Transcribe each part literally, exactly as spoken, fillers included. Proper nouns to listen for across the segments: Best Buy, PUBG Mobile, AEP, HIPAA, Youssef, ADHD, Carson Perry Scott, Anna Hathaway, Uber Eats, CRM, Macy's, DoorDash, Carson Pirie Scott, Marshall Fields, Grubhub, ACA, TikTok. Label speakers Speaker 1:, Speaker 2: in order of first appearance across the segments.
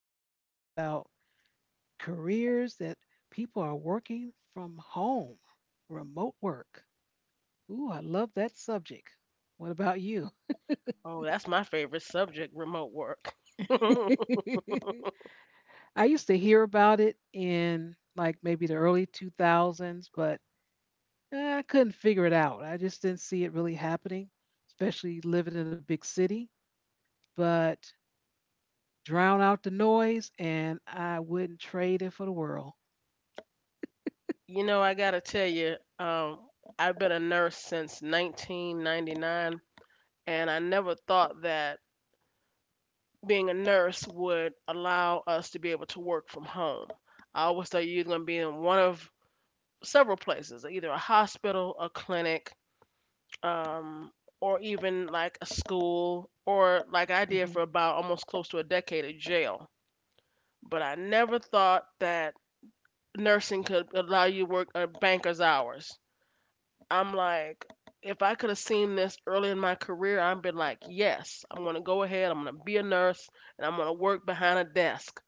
Speaker 1: is going to be about careers that people are working from home, remote work. Ooh, I love that subject. What about you?
Speaker 2: Oh, that's my favorite subject, remote work.
Speaker 1: I used to hear about it in like maybe the early two thousands, but eh, I couldn't figure it out. I just didn't see it really happening, especially living in a big city. But drown out the noise, and I wouldn't trade it for the world.
Speaker 2: You know, I gotta tell you, um, I've been a nurse since nineteen ninety-nine, and I never thought that being a nurse would allow us to be able to work from home. I always thought you were gonna be in one of several places, either a hospital, a clinic, um, or even like a school, or like I did for
Speaker 1: Mhm.
Speaker 2: about almost close to a decade, a jail. But I never thought that nursing could allow you to work a banker's hours. I'm like, if I could have seen this early in my career, I've been like, yes, I'm going to go ahead, I'm going to be a nurse, and I'm going to work behind a desk.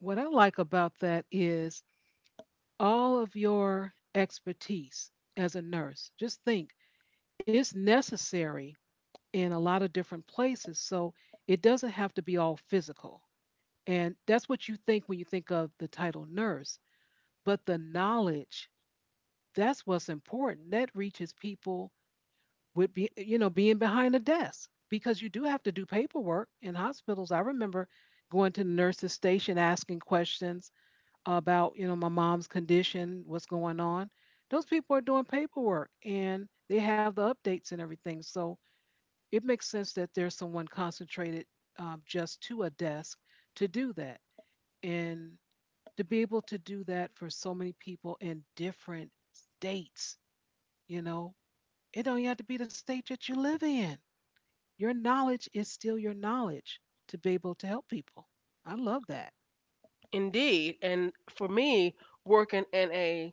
Speaker 1: What I like about that is all of your expertise as a nurse. Just think, it's necessary in a lot of different places, so it doesn't have to be all physical. And that's what you think when you think of the title nurse. But the knowledge, that's what's important. That reaches people with be, you know, being behind a desk because you do have to do paperwork in hospitals. I remember going to the nurse's station asking questions about, you know, my mom's condition, what's going on. Those people are doing paperwork and they have the updates and everything. So it makes sense that there's someone concentrated um, just to a desk to do that. And to be able to do that for so many people in different states, you know, it don't have to be the state that you live in. Your knowledge is still your knowledge to be able to help people. I love that.
Speaker 2: Indeed, and for me, working in a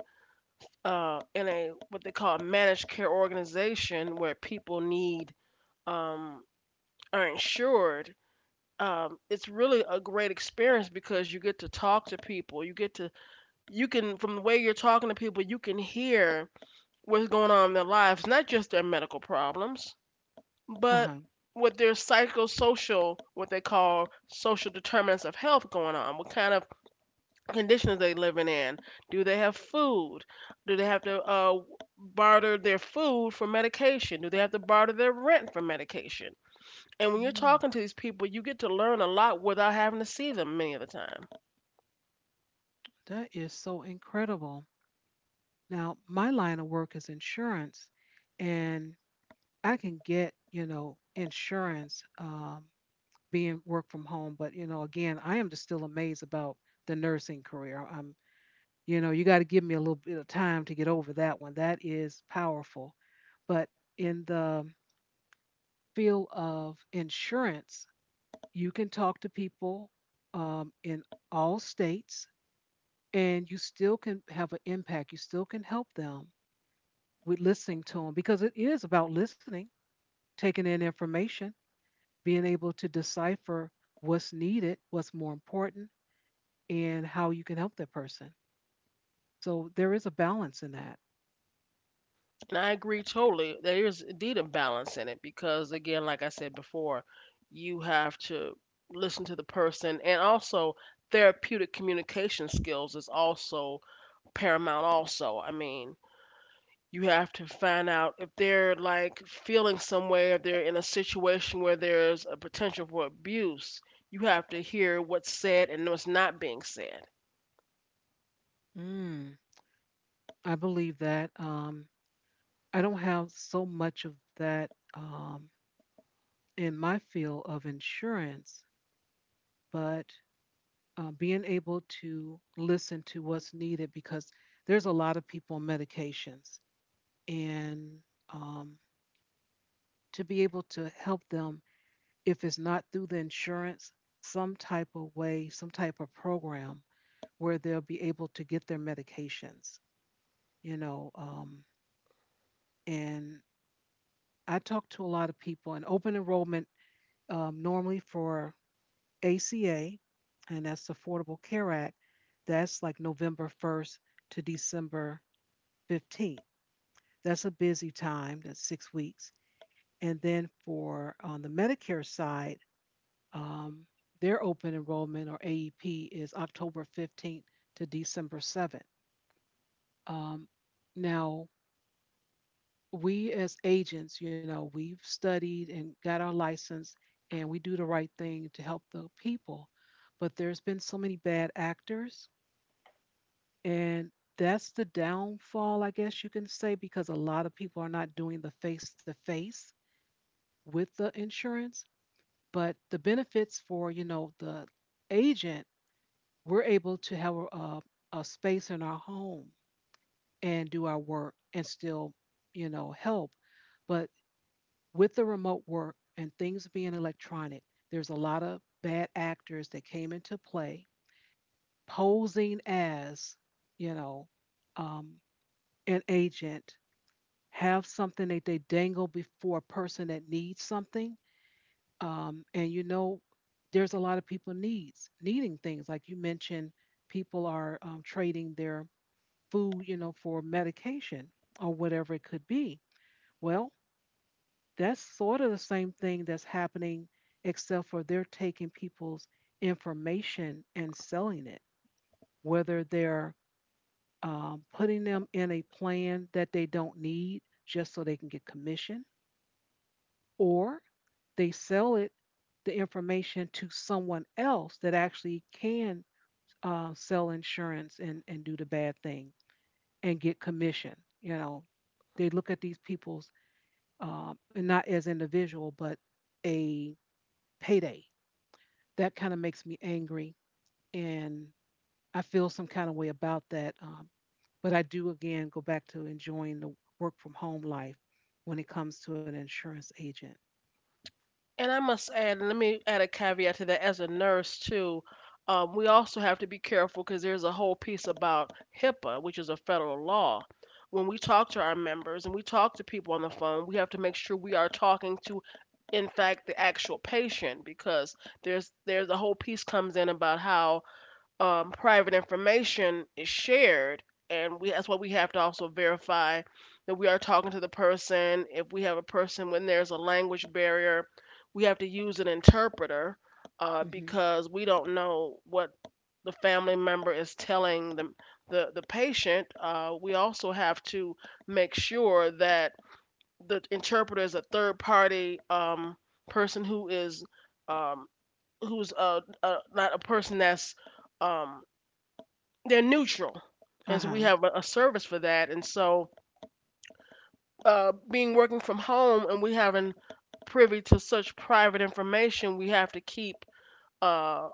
Speaker 2: uh, in a what they call a managed care organization where people need um, are insured, um, it's really a great experience because you get to talk to people, you get to you can from the way you're talking to people, you can hear what's going on in their lives, not just their medical problems,
Speaker 1: Uh
Speaker 2: but
Speaker 1: huh.
Speaker 2: with their psychosocial, what they call social determinants of health going on, what kind of conditions they living in. Do they have food? Do they have to uh, barter their food for medication? Do they have to barter their rent for medication? And when you're
Speaker 1: Mm.
Speaker 2: talking to these people, you get to learn a lot without having to see them many of the time.
Speaker 1: That is so incredible. Now, my line of work is insurance, and I can get, you know, insurance um, being work from home. But, you know, again, I am just still amazed about the nursing career. I'm You know, you got to give me a little bit of time to get over that one. That is powerful. But in the field of insurance, you can talk to people um, in all states and you still can have an impact. You still can help them with listening to them because it is about listening, taking in information, being able to decipher what's needed, what's more important, and how you can help that person. So there is a balance in that.
Speaker 2: And I agree totally. There is indeed a balance in it because, again, like I said before, you have to listen to the person, and also therapeutic communication skills is also paramount. Also, I mean, you have to find out if they're like feeling some way, if they're in a situation where there's a potential for abuse. You have to hear what's said and what's not being said.
Speaker 1: Mm. I believe that um, I don't have so much of that um, in my field of insurance, but uh, being able to listen to what's needed because there's a lot of people on medications, and um, to be able to help them if it's not through the insurance, some type of way, some type of program where they'll be able to get their medications, you know, um, and I talk to a lot of people, and open enrollment um, normally for A C A, and that's the Affordable Care Act, that's like November first to December fifteenth. That's a busy time, that's six weeks. And then for on the Medicare side, um, their open enrollment or A E P is October fifteenth to December seventh. Um, now, we as agents, you know, we've studied and got our license and we do the right thing to help the people. But there's been so many bad actors, and that's the downfall, I guess you can say, because a lot of people are not doing the face to face with the insurance. But the benefits for, you know, the agent, we're able to have a, a space in our home and do our work and still, you know, help. But with the remote work and things being electronic, there's a lot of bad actors that came into play posing as, you know, um, an agent, have something that they dangle before a person that needs something. Um, and you know, there's a lot of people needs needing things like you mentioned. People are um, trading their food, you know, for medication or whatever it could be. Well, That's sort of the same thing that's happening, except for they're taking people's information and selling it, whether they're um, putting them in a plan that they don't need just so they can get commission, or they sell it, the information to someone else that actually can uh, sell insurance and, and do the bad thing and get commission. You know, they look at these people's um, and not as individual, but a payday. That kind of makes me angry and i feel some kind of way about that um, but i do again go back to enjoying the work from home life when it comes to an insurance agent.
Speaker 2: And I must add, let me add a caveat to that as a nurse too. Um, we also have to be careful because there's a whole piece about HIPAA, which is a federal law. When we talk to our members and we talk to people on the phone, we have to make sure we are talking to, in fact, the actual patient because there's there's a whole piece comes in about how um, private information is shared, and we that's why we have to also verify that we are talking to the person. If we have a person when there's a language barrier, we have to use an interpreter uh,
Speaker 1: Hmm.
Speaker 2: because we don't know what the family member is telling the the, the patient. Uh, we also have to make sure that the interpreter is a third party um, person who is um, who's uh, uh, not a person that's um, they're neutral, and so we
Speaker 1: Uh-huh.
Speaker 2: have a, a service for that. And so, uh, being working from home and we having privy to such private information, we have to keep uh,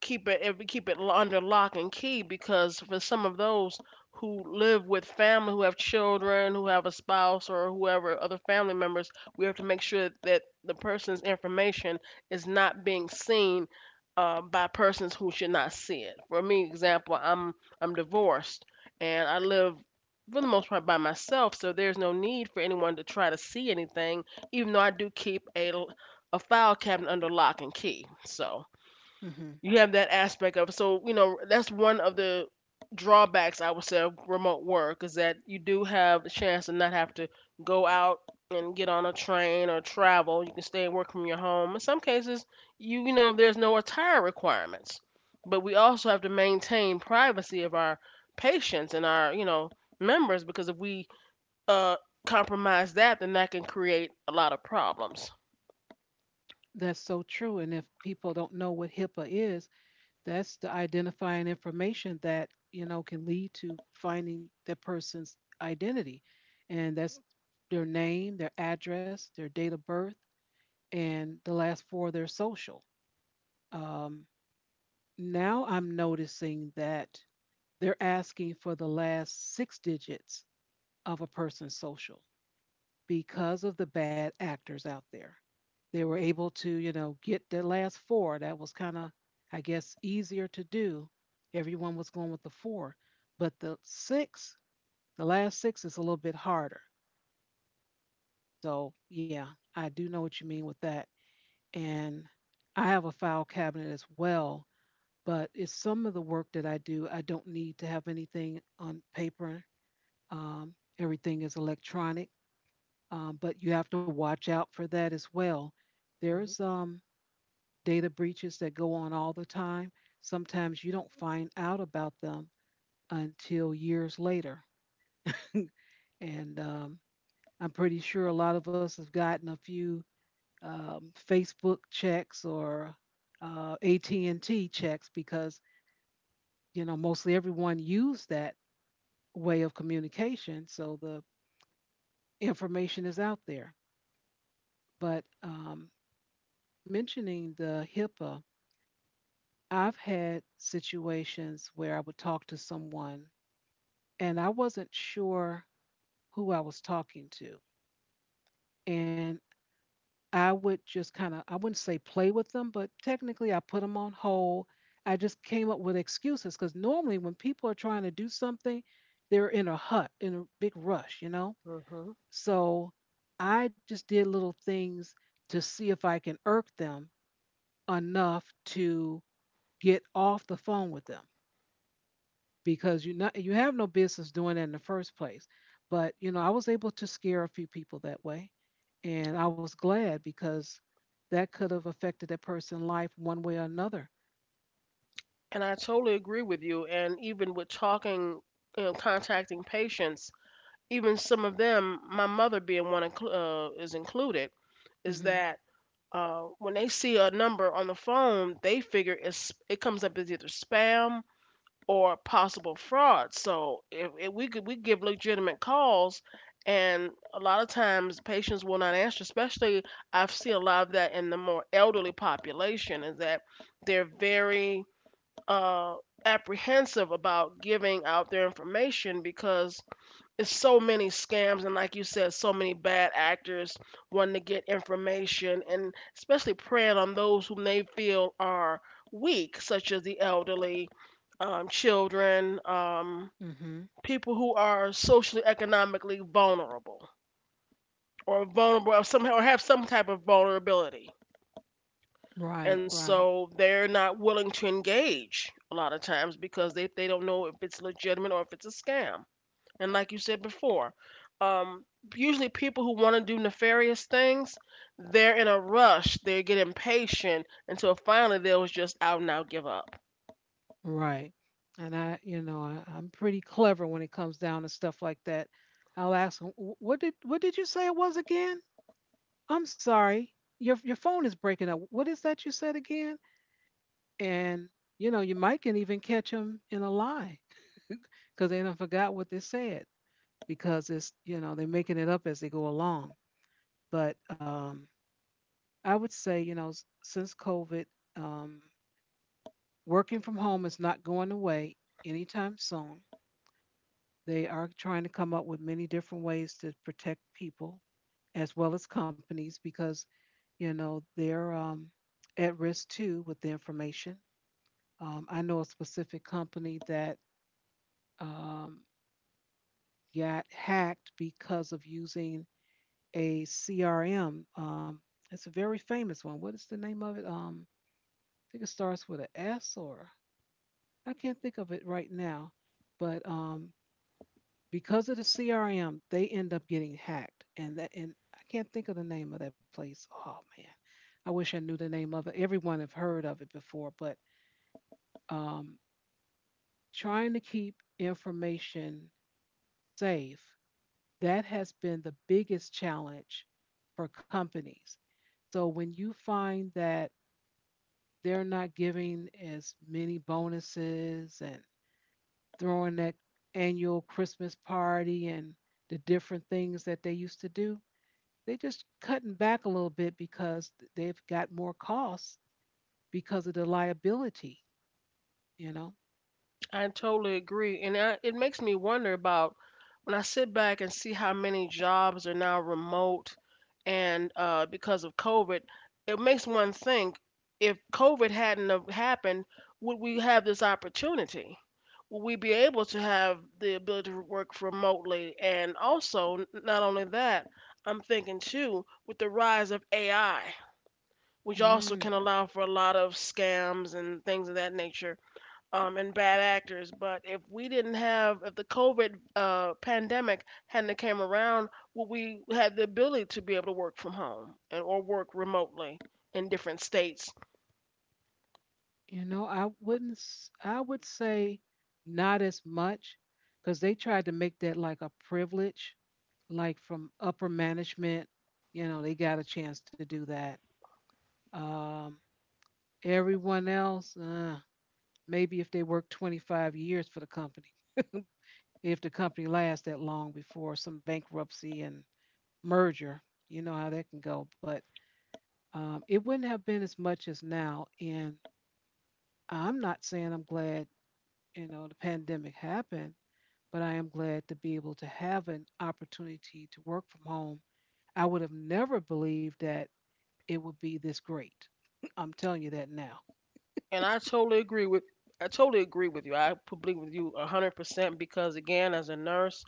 Speaker 2: keep it if we keep it lo- under lock and key because for some of those who live with family who have children who have a spouse or whoever other family members we have to make sure that the person's information is not being seen uh, by persons who should not see it. For me example, i'm i'm divorced and I live for the most part by myself, so there's no need for anyone to try to see anything, even though I do keep a l- a file cabinet under lock and key. So
Speaker 1: Hmm.
Speaker 2: you have that aspect of. So you know, that's one of the drawbacks I would say of remote work, is that you do have the chance to not have to go out and get on a train or travel. You can stay and work from your home. In some cases you you know there's no attire requirements, but we also have to maintain privacy of our patients and our, you know, members, because if we uh compromise that, then that can create a lot of problems.
Speaker 1: that's so true, and if people don't know what hipaa is, that's the identifying information that, you know, can lead to finding that person's identity. And that's their name, their address, their date of birth, and the last four of their social. Um, Now I'm noticing that they're asking for the last six digits of a person's social because of the bad actors out there. They were able to, you know, get the last four. That was kind of, I guess, easier to do. Everyone was going with the four, but the six, the last six is a little bit harder. So, yeah, I do know what you mean with that. And I have a file cabinet as well, but it's some of the work that I do, I don't need to have anything on paper. Um, everything is electronic, um, but you have to watch out for that as well. There's um, data breaches that go on all the time. Sometimes you don't find out about them until years later. And um, I'm pretty sure a lot of us have gotten a few um, Facebook checks or uh, A T and T checks because you know mostly everyone used that way of communication. So the information is out there. But um, mentioning the HIPAA, I've had situations where I would talk to someone and I wasn't sure who I was talking to. And I would just kind of, I wouldn't say play with them, but technically I put them on hold. I just came up with excuses because normally when people are trying to do something, they're in a hut, in a big rush, you know?
Speaker 2: Hmm.
Speaker 1: So I just did little things to see if I can irk them enough to get off the phone with them because you not you have no business doing it in the first place. But you know, I was able to scare a few people that way, and I was glad because that could have affected that person's life one way or another.
Speaker 2: And I totally agree with you. And even with talking, you know, contacting patients, even some of them, my mother being one inclu- uh, is included, is
Speaker 1: Mhm.
Speaker 2: that uh, when they see a number on the phone, they figure it's it comes up as either spam or possible fraud. So if, if we could, we give legitimate calls, and a lot of times patients will not answer. Especially I've seen a lot of that in the more elderly population, is that they're very uh, apprehensive about giving out their information because it's so many scams, and like you said, so many bad actors wanting to get information and especially preying on those whom they feel are weak, such as the elderly, um, children, um,
Speaker 1: Mhm.
Speaker 2: people who are socially economically vulnerable or vulnerable or somehow or have some type of vulnerability.
Speaker 1: Right.
Speaker 2: And
Speaker 1: Right.
Speaker 2: so they're not willing to engage a lot of times because they, they don't know if it's legitimate or if it's a scam. And like you said before, um, usually people who want to do nefarious things, they're in a rush, they get impatient until finally they'll just out and out give up.
Speaker 1: Right. And I, you know, I, I'm pretty clever when it comes down to stuff like that. I'll ask them, "What did what did you say it was again? I'm sorry. Your your phone is breaking up. What is that you said again?" And you know, you might can even catch them in a lie because they done forgot what they said because it's, you know, they're making it up as they go along. But um, I would say, you know, s- since COVID, um, working from home is not going away anytime soon. They are trying to come up with many different ways to protect people as well as companies because, you know, they're um, at risk too with the information. Um, I know a specific company that um, got hacked because of using a C R M. Um, it's a very famous one. What is the name of it? Um, I think it starts with an S, or I can't think of it right now, but um, because of the C R M, they end up getting hacked. And that and I can't think of the name of that place. Oh man. I wish I knew the name of it. Everyone have heard of it before, but um trying to keep information safe, that has been the biggest challenge for companies. So when you find that they're not giving as many bonuses and throwing that annual Christmas party and the different things that they used to do, they're just cutting back a little bit because th- they've got more costs because of the liability, you know.
Speaker 2: I totally agree. And I, it makes me wonder about when I sit back and see how many jobs are now remote, and uh, because of COVID, it makes one think, if COVID hadn't have happened, would we have this opportunity? Would we be able to have the ability to work remotely? And also, n- not only that, I'm thinking too, with the rise of A I, which also
Speaker 1: Mm.
Speaker 2: can allow for a lot of scams and things of that nature, um, and bad actors. But if we didn't have, if the COVID uh, pandemic hadn't came around, would we had the ability to be able to work from home and or work remotely in different states?
Speaker 1: You know, i wouldn't, s- i would say not as much because they tried to make that like a privilege, like from upper management. You know, they got a chance to do that. um Everyone else, uh, maybe if they work twenty-five years for the company, if the company lasts that long before some bankruptcy and merger. You know how that can go, but um, it wouldn't have been as much as now. And I'm not saying I'm glad, you know, the pandemic happened, but I am glad to be able to have an opportunity to work from home. I would have never believed that it would be this great. I'm telling you that now.
Speaker 2: And I totally agree with. I totally agree with you. I agree with you one hundred percent because again, as a nurse,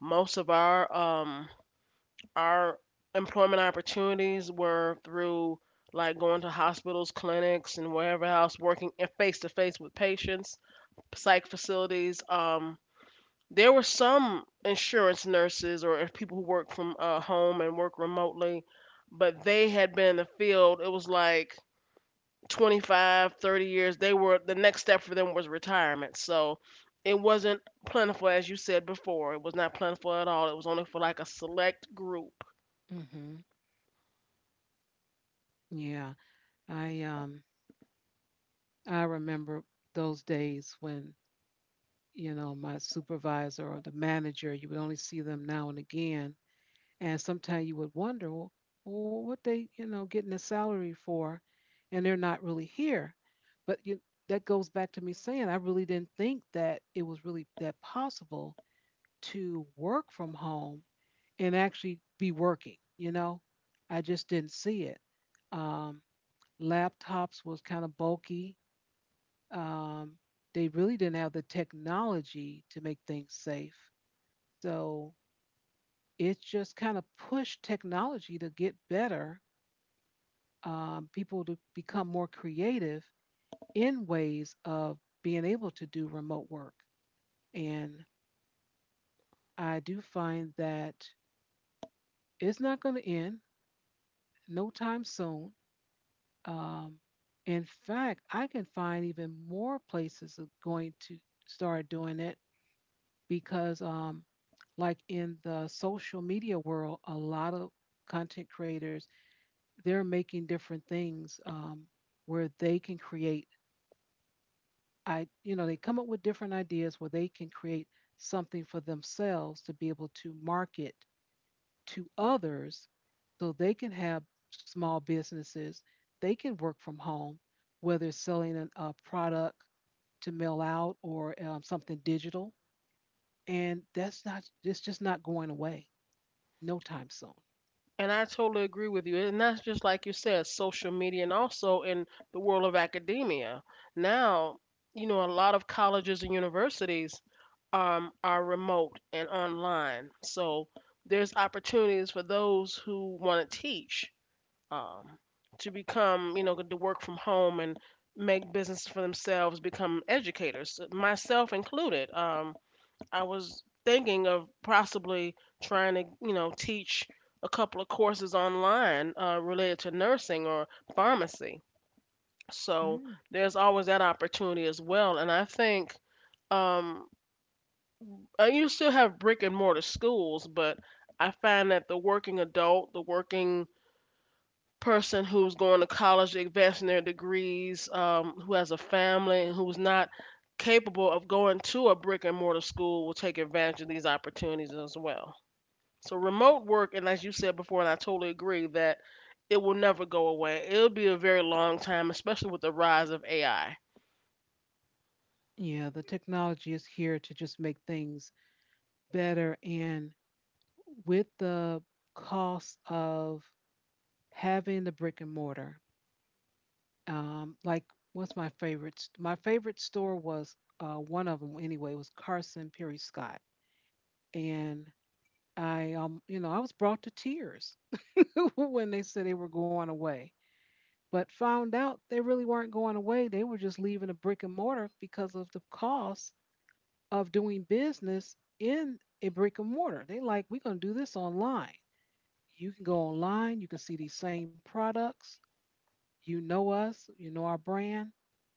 Speaker 2: most of our um our employment opportunities were through like going to hospitals, clinics, and wherever else, working face to face with patients, psych facilities. um, There were some insurance nurses or people who work from uh, home and work remotely, but they had been in the field. It was like twenty five, thirty years. They were the next step for them was retirement. So it wasn't plentiful, as you said before. It was not plentiful at all. It was only for like a select group.
Speaker 1: Mm-hmm. Yeah, I um I remember those days when, you know, my supervisor or the manager, you would only see them now and again. And sometimes you would wonder, well, well, what they, you know, getting a salary for, and they're not really here. But you, that goes back to me saying I really didn't think that it was really that possible to work from home and actually be working. You know, I just didn't see it. Um, Laptops was kind of bulky. Um, they really didn't have the technology to make things safe. So it just kind of pushed technology to get better, um, people to become more creative in ways of being able to do remote work. And I do find that it's not going to end no time soon. Um, in fact, I can find even more places of going to start doing it because, um, like in the social media world, a lot of content creators, they're making different things, um, where they can create, I, you know, they come up with different ideas where they can create something for themselves to be able to market to others so they can have small businesses. They can work from home, whether it's selling an, a product to mail out or, um, something digital. And that's not, it's just not going away no time soon.
Speaker 2: And I totally agree with you. And that's just like you said, social media, and also in the world of academia. Now, you know, a lot of colleges and universities um, are remote and online. So there's opportunities for those who want to teach, um, to become, you know, to work from home and make business for themselves, become educators, myself included. Um, I was thinking of possibly trying to, you know, teach a couple of courses online uh, related to nursing or pharmacy. So
Speaker 1: Mm.
Speaker 2: there's always that opportunity as well. And I think um, uh, you still have brick and mortar schools, but I find that the working adult, the working person who's going to college, advancing their degrees, um, who has a family, and who's not capable of going to a brick and mortar school, will take advantage of these opportunities as well. So, remote work, and as you said before, and I totally agree, that it will never go away. It'll be a very long time, especially with the rise of A I.
Speaker 1: Yeah, the technology is here to just make things better. And with the cost of having the brick and mortar. Um, like what's my favorite? s- My favorite store was, uh, one of them anyway, was Carson Perry Scott, and I um you know I was brought to tears when they said they were going away, but found out they really weren't going away. They were just leaving a brick and mortar because of the cost of doing business in a brick and mortar. They like, we're gonna do this online. You can go online. You can see these same products. You know us. You know our brand,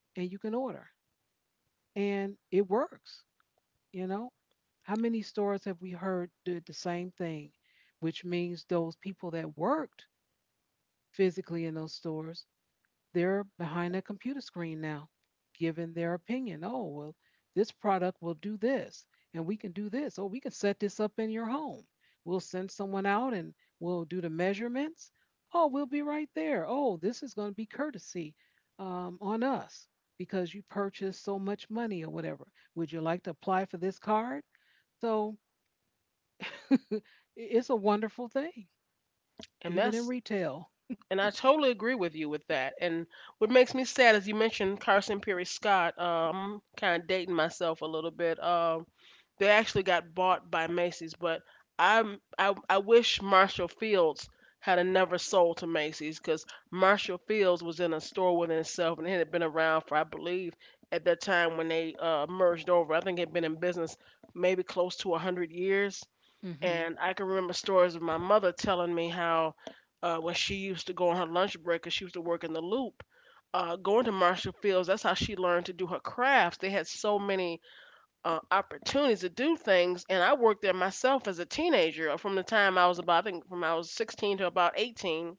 Speaker 1: and you can order, and it works. You know, how many stores have we heard did the same thing, which means those people that worked physically in those stores, they're behind a computer screen now, giving their opinion. Oh, well, this product will do this, and we can do this. Oh, we can set this up in your home. We'll send someone out and we'll do the measurements. Oh, we'll be right there. Oh, this is going to be courtesy, um, on us, because you purchased so much money or whatever. Would you like to apply for this card? So it's a wonderful thing,
Speaker 2: And
Speaker 1: even in
Speaker 2: that's
Speaker 1: retail.
Speaker 2: And I totally agree with you with that. And what makes me sad is you mentioned Carson Perry Scott. Um, kind of dating myself a little bit. Um, they actually got bought by Macy's, but I'm I I wish Marshall Fields had a never sold to Macy's, because Marshall Fields was in a store within itself, and it had been around for I believe at that time when they uh, merged over. I think it had been in business maybe close to a hundred years.
Speaker 1: Mm-hmm.
Speaker 2: And I can remember stories of my mother telling me how uh, when she used to go on her lunch break, break, 'cause she used to work in the loop, uh, going to Marshall Fields, that's how she learned to do her crafts. They had so many uh, opportunities to do things, and I worked there myself as a teenager. uh, From the time I was about, I think, from I was sixteen to about eighteen,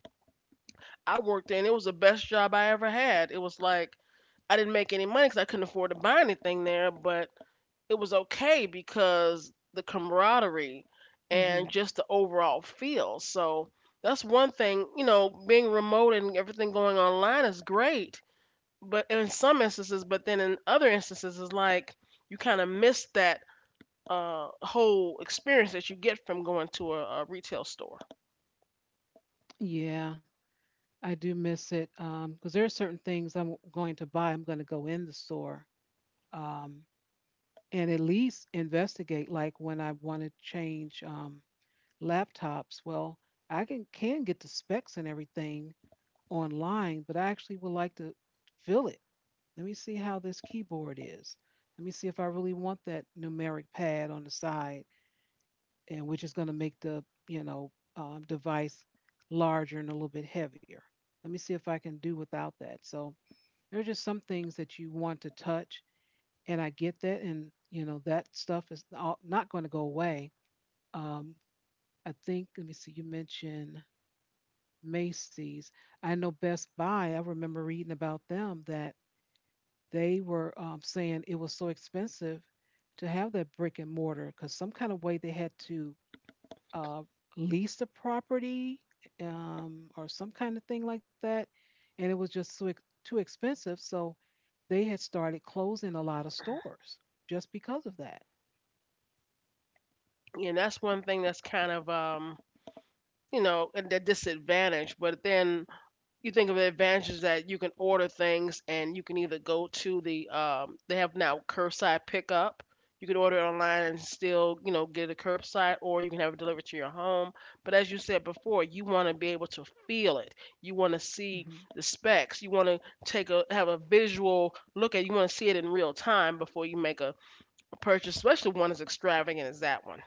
Speaker 2: I worked there, and it was the best job I ever had. It was like I didn't make any money, cause I couldn't afford to buy anything there, but it was okay because the camaraderie
Speaker 1: Mm-hmm.
Speaker 2: and just the overall feel. So that's one thing, you know, being remote and everything going online is great, but in some instances, but then in other instances, it's like you kind of miss that uh, whole experience that you get from going to a, a retail store.
Speaker 1: Yeah. I do miss it because there are certain things I'm going to buy. I'm going to go in the store, um, and at least investigate. Like when I want to change, um, laptops, well, I can can get the specs and everything online, but I actually would like to feel it. Let me see how this keyboard is. Let me see if I really want that numeric pad on the side, and which is going to make the, you know um, device larger and a little bit heavier. Let me see if I can do without that. So there are just some things that you want to touch, and I get that. And you know that stuff is all, not going to go away. Um, I think. Let me see. You mentioned Macy's. I know Best Buy. I remember reading about them that they were, um, saying it was so expensive to have that brick and mortar because some kind of way they had to, uh, lease the property, um, or some kind of thing like that, and it was just so ex- too expensive. So they had started closing a lot of stores just because of that.
Speaker 2: And that's one thing that's kind of, um, you know, a a disadvantage. But then you think of the advantages that you can order things and you can either go to the um, they have now curbside pickup. You can order it online and still, you know, get it curbside, or you can have it delivered to your home. But as you said before, you want to be able to feel it. You want to see
Speaker 1: Mhm.
Speaker 2: the specs. You want to take a have a visual look at it. You want to see it in real time before you make a purchase, especially one as extravagant as that one.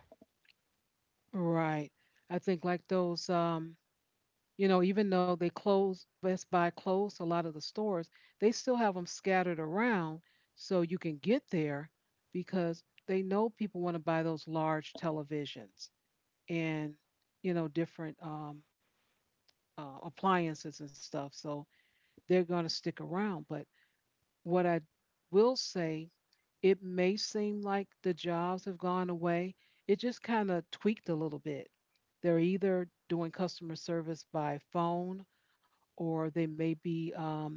Speaker 1: Right. I think like those um you know even though they closed, Best Buy closed a lot of the stores, they still have them scattered around so you can get there because they know people want to buy those large televisions and, you know, different, um uh, appliances and stuff. So they're going to stick around, but what I will say, it may seem like the jobs have gone away. It just kind of tweaked a little bit. They're either doing customer service by phone or they may be, um,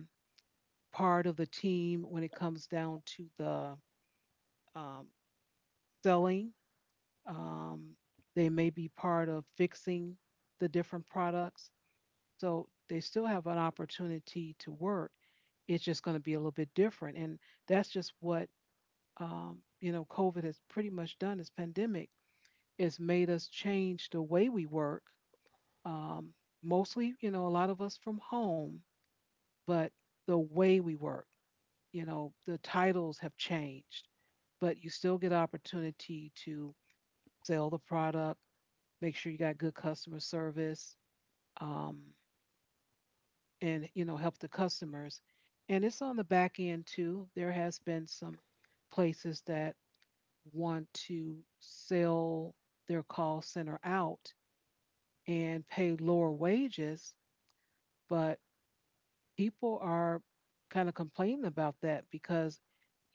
Speaker 1: part of the team when it comes down to the, um, selling. Um, they may be part of fixing the different products. So they still have an opportunity to work. It's just going to be a little bit different. And that's just what, um, you know, COVID has pretty much done, this pandemic. It's made us change the way we work. Um, Mostly, you know, a lot of us from home, but the way we work, you know, the titles have changed, but you still get opportunity to sell the product, make sure you got good customer service, um, and, you know, help the customers. And it's on the back end too. There has been some places that want to sell their call center out and pay lower wages. But people are kind of complaining about that because,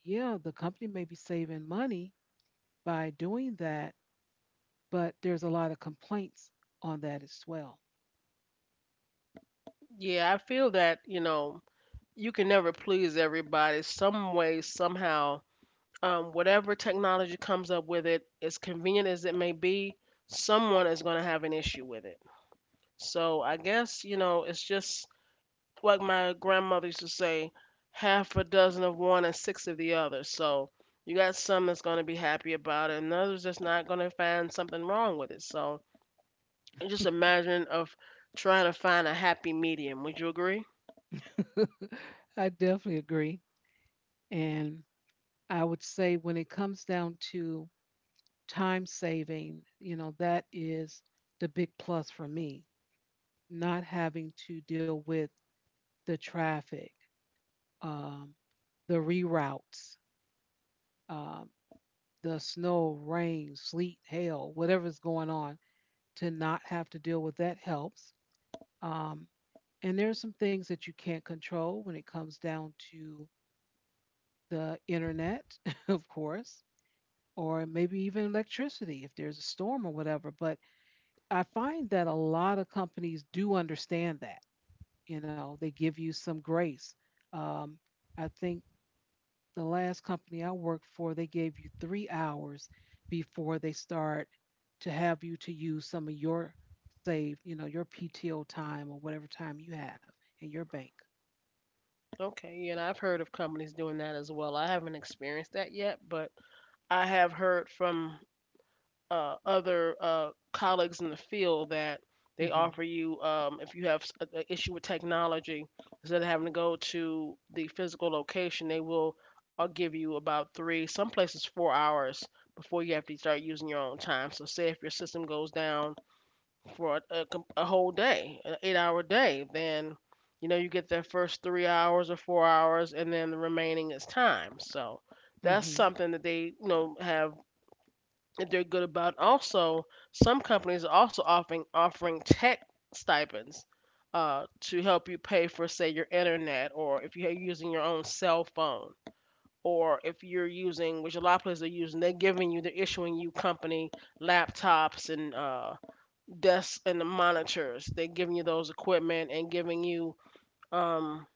Speaker 1: yeah, the company may be saving money by doing that, but there's a lot of complaints on that as well.
Speaker 2: Yeah, I feel that, you know, you can never please everybody. Some way, somehow, um, whatever technology comes up with it, as convenient as it may be, someone is going to have an issue with it. So I guess, you know, it's just like my grandmother used to say, half a dozen of one and six of the other. So you got some that's going to be happy about it, and others that's not going to find something wrong with it. So just imagine of trying to find a happy medium. Would you agree?
Speaker 1: I definitely agree. And I would say when it comes down to time saving, you know, that is the big plus for me, not having to deal with the traffic, um, the reroutes, um, the snow, rain, sleet, hail, whatever's going on, to not have to deal with that helps. Um, and there's some things that you can't control when it comes down to the internet, of course, or maybe even electricity if there's a storm or whatever. But I find that a lot of companies do understand that. You know, they give you some grace. Um, I think the last company I worked for, they gave you three hours before they start to have you to use some of your saved, you know, your P T O time or whatever time you have in your bank.
Speaker 2: Okay, yeah, and I've heard of companies doing that as well. I haven't experienced that yet, but I have heard from uh, other uh, colleagues in the field that they
Speaker 1: Mhm.
Speaker 2: offer you, um, if you have an issue with technology, instead of having to go to the physical location, they will uh, give you about three, some places four hours, before you have to start using your own time. So say if your system goes down for a, a, a whole day, an eight hour day, then you know you get that first three hours or four hours and then the remaining is time. So that's
Speaker 1: Mhm.
Speaker 2: something that they, you know, have if they're good about it. Also, some companies are also offering offering tech stipends uh, to help you pay for, say, your internet, or if you're using your own cell phone, or if you're using, which a lot of places are using, they're giving you, they're issuing you company laptops and uh, desks and the monitors. They're giving you those equipment and giving you um,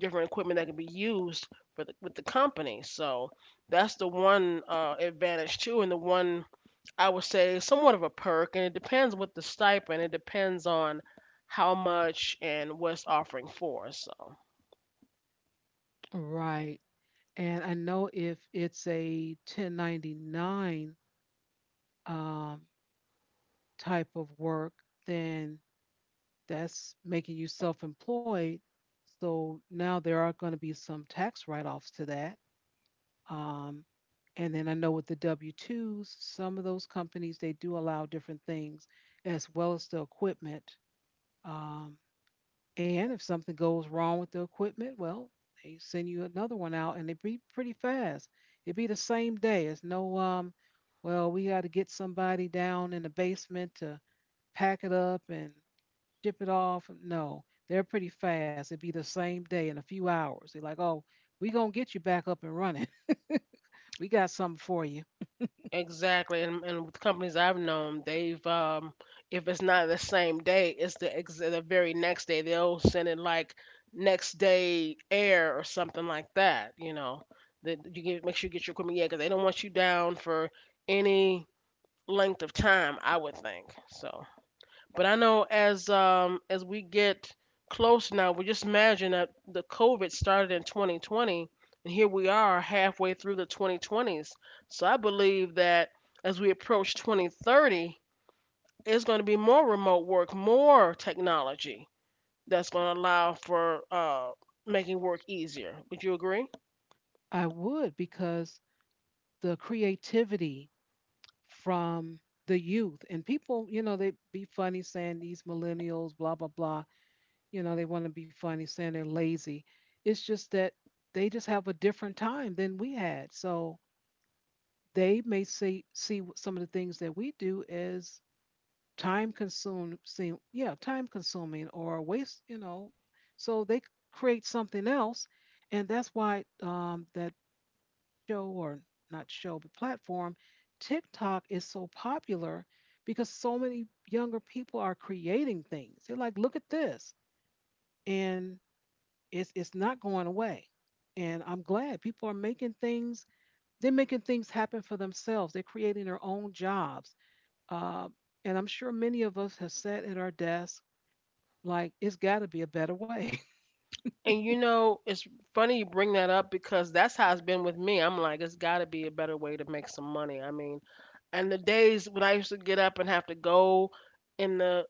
Speaker 2: different equipment that can be used for the, with the company. So that's the one uh, advantage too, and the one I would say somewhat of a perk, and it depends with the stipend. It depends on how much and what's offering for. So
Speaker 1: Right. And I know if it's a ten ninety-nine, um, type of work, then that's making you self employed. So now there are going to be some tax write offs to that. Um, and then I know with the W twos, some of those companies, they do allow different things as well as the equipment. Um, and if something goes wrong with the equipment, well, they send you another one out and it be pretty fast. It'd be the same day. It's no, um, well, we got to get somebody down in the basement to pack it up and ship it off. No, they're pretty fast. It'd be the same day in a few hours. They're like, oh, we going to get you back up and running. We got something for you.
Speaker 2: exactly, and, and with companies I've known, they've um, if it's not the same day, it's the ex- the very next day. They'll send it like next day air or something like that. You know, that you get, make sure you get your equipment, yeah, because they don't want you down for any length of time. I would think so. But I know as um as we get close now, we just imagine that the COVID started in twenty twenty, and here we are halfway through the twenty twenties. So I believe that as we approach twenty thirty, it's going to be more remote work, more technology that's going to allow for uh, making work easier. Would you agree?
Speaker 1: I would, because the creativity from the youth and people, you know, they be funny saying these millennials, blah, blah, blah. You know, they want to be funny saying they're lazy. It's just that they just have a different time than we had. So they may see see some of the things that we do as time consuming, yeah, time consuming or waste, you know. So they create something else, and that's why um, that show, or not show, but platform, TikTok is so popular because so many younger people are creating things. They're like, look at this. And it's it's not going away. And I'm glad people are making things, they're making things happen for themselves. They're creating their own jobs. Uh, and I'm sure many of us have sat at our desk like, it's got to be a better way.
Speaker 2: And you know, it's funny you bring that up because that's how it's been with me. I'm like, it's got to be a better way to make some money. I mean, and the days when I used to get up and have to go in the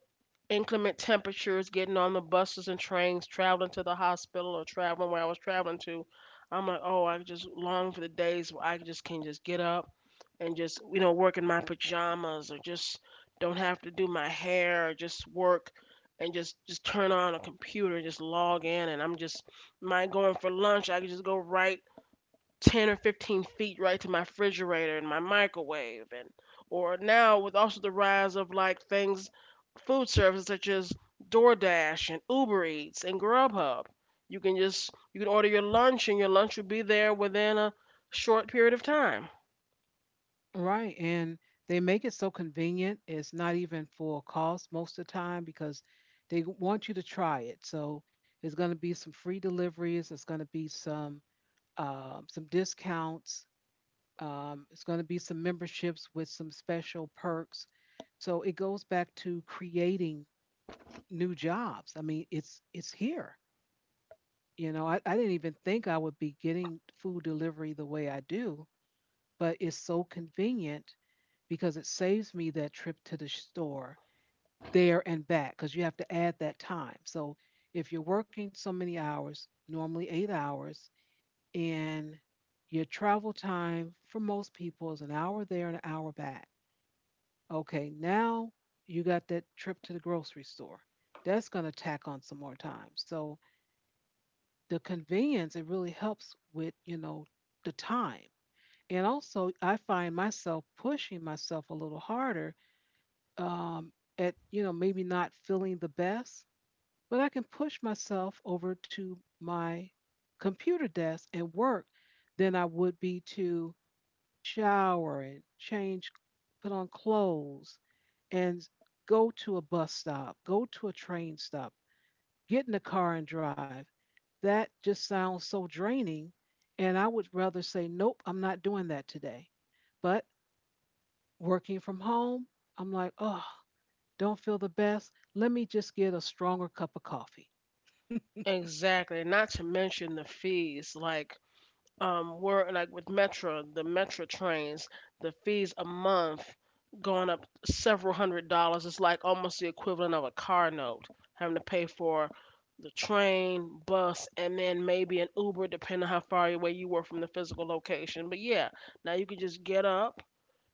Speaker 2: inclement temperatures, getting on the buses and trains, traveling to the hospital or traveling where I was traveling to, I'm like, oh, I just long for the days where I just can just get up and just, you know, work in my pajamas or just don't have to do my hair or just work and just just turn on a computer and just log in and I'm just not going for lunch. I can just go right ten or fifteen feet right to my refrigerator and my microwave, and or now with also the rise of like things, food services such as DoorDash and Uber Eats and Grubhub, you can just, you can order your lunch and your lunch will be there within a short period of time.
Speaker 1: Right. And they make it so convenient. It's not even full cost most of the time because they g- want you to try it. So it's going to be some free deliveries. It's going to be some, um, some discounts. Um, it's going to be some memberships with some special perks. So it goes back to creating new jobs. I mean, it's it's here. You know, I, I didn't even think I would be getting food delivery the way I do, but it's so convenient because it saves me that trip to the store there and back because you have to add that time. So if you're working so many hours, normally eight hours, and your travel time for most people is an hour there and an hour back. Okay, now you got that trip to the grocery store. That's going to tack on some more time. So the convenience, it really helps with, you know, the time. And also, I find myself pushing myself a little harder, um, at, you know, maybe not feeling the best, but I can push myself over to my computer desk and work than I would be to shower and change, put on clothes, and go to a bus stop, go to a train stop, get in the car and drive. That just sounds so draining. And I would rather say, nope, I'm not doing that today. But working from home, I'm like, oh, don't feel the best. Let me just get a stronger cup of coffee.
Speaker 2: Exactly, not to mention the fees like, um were like with Metro, the Metro trains, the fees a month going up several hundred dollars. It's like almost the equivalent of a car note, having to pay for the train, bus, and then maybe an Uber, depending on how far away you were from the physical location. But yeah, now you can just get up,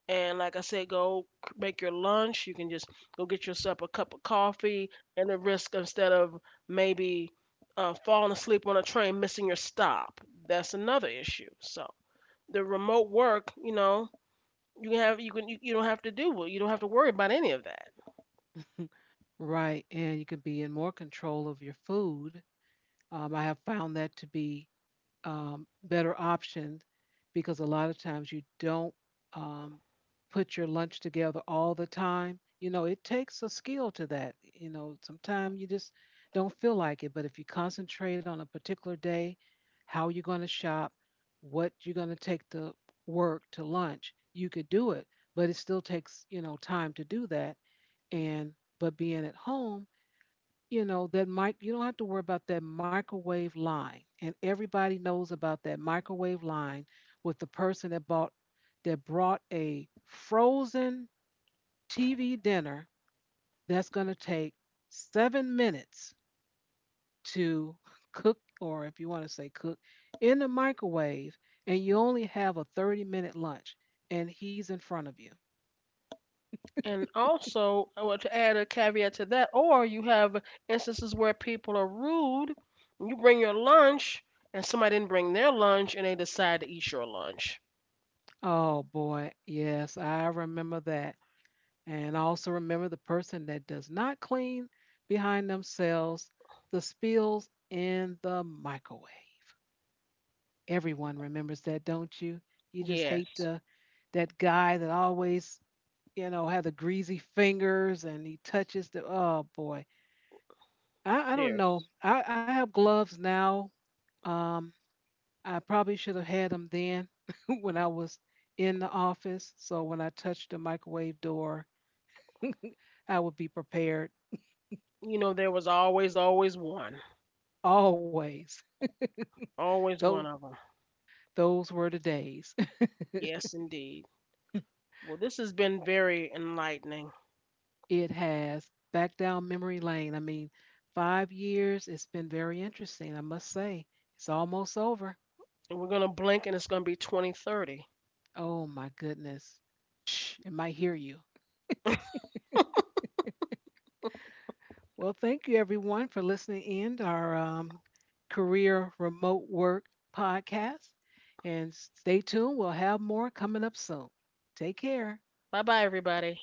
Speaker 2: and like I said, go c- make your lunch. You can just go get yourself a cup of coffee, and the risk instead of maybe uh, falling asleep on a train, missing your stop. That's another issue. So the remote work, you know, you can have, you can, you, you don't have to do it. You don't have to worry about any of that.
Speaker 1: Right. And you can be in more control of your food. Um, I have found that to be, um, better option because a lot of times you don't, um, put your lunch together all the time. You know, it takes a skill to that. You know, sometimes you just don't feel like it. But if you concentrate on a particular day, how you're going to shop, what you're going to take to work to lunch, you could do it. But it still takes, you know, time to do that. And, but being at home, you know that mic you don't have to worry about that microwave line, and everybody knows about that microwave line with the person that bought that brought a frozen tv dinner that's going to take seven minutes to cook, or if you want to say cook, in the microwave, and you only have a thirty minute lunch and he's in front of you.
Speaker 2: And also, I want to add a caveat to that. Or you have instances where people are rude. You bring your lunch, and somebody didn't bring their lunch, and they decide to eat your lunch.
Speaker 1: Oh boy, yes, I remember that. And I also remember the person that does not clean behind themselves, the spills in the microwave. Everyone remembers that, don't you? You just hate
Speaker 2: Yes,
Speaker 1: the, that guy that always, you know, had the greasy fingers and he touches the, oh boy. I, I don't know.
Speaker 2: there's.
Speaker 1: I, I have gloves now. Um, I probably should have had them then when I was in the office. So when I touched the microwave door, I would be prepared
Speaker 2: You know, there was always, always one.
Speaker 1: always.
Speaker 2: Always
Speaker 1: Those,
Speaker 2: one of them.
Speaker 1: those were the days.
Speaker 2: Yes, indeed. Well, this has been very enlightening.
Speaker 1: It has back down memory lane. I mean, five years, it's been very interesting, I must say. It's almost over.
Speaker 2: And we're going to blink and it's going to be twenty thirty.
Speaker 1: Oh my goodness. Shh, it might hear you. Well, thank you everyone for listening in to our, um, Career Remote Work podcast. And stay tuned, we'll have more coming up soon. Take care.
Speaker 2: Bye bye, everybody.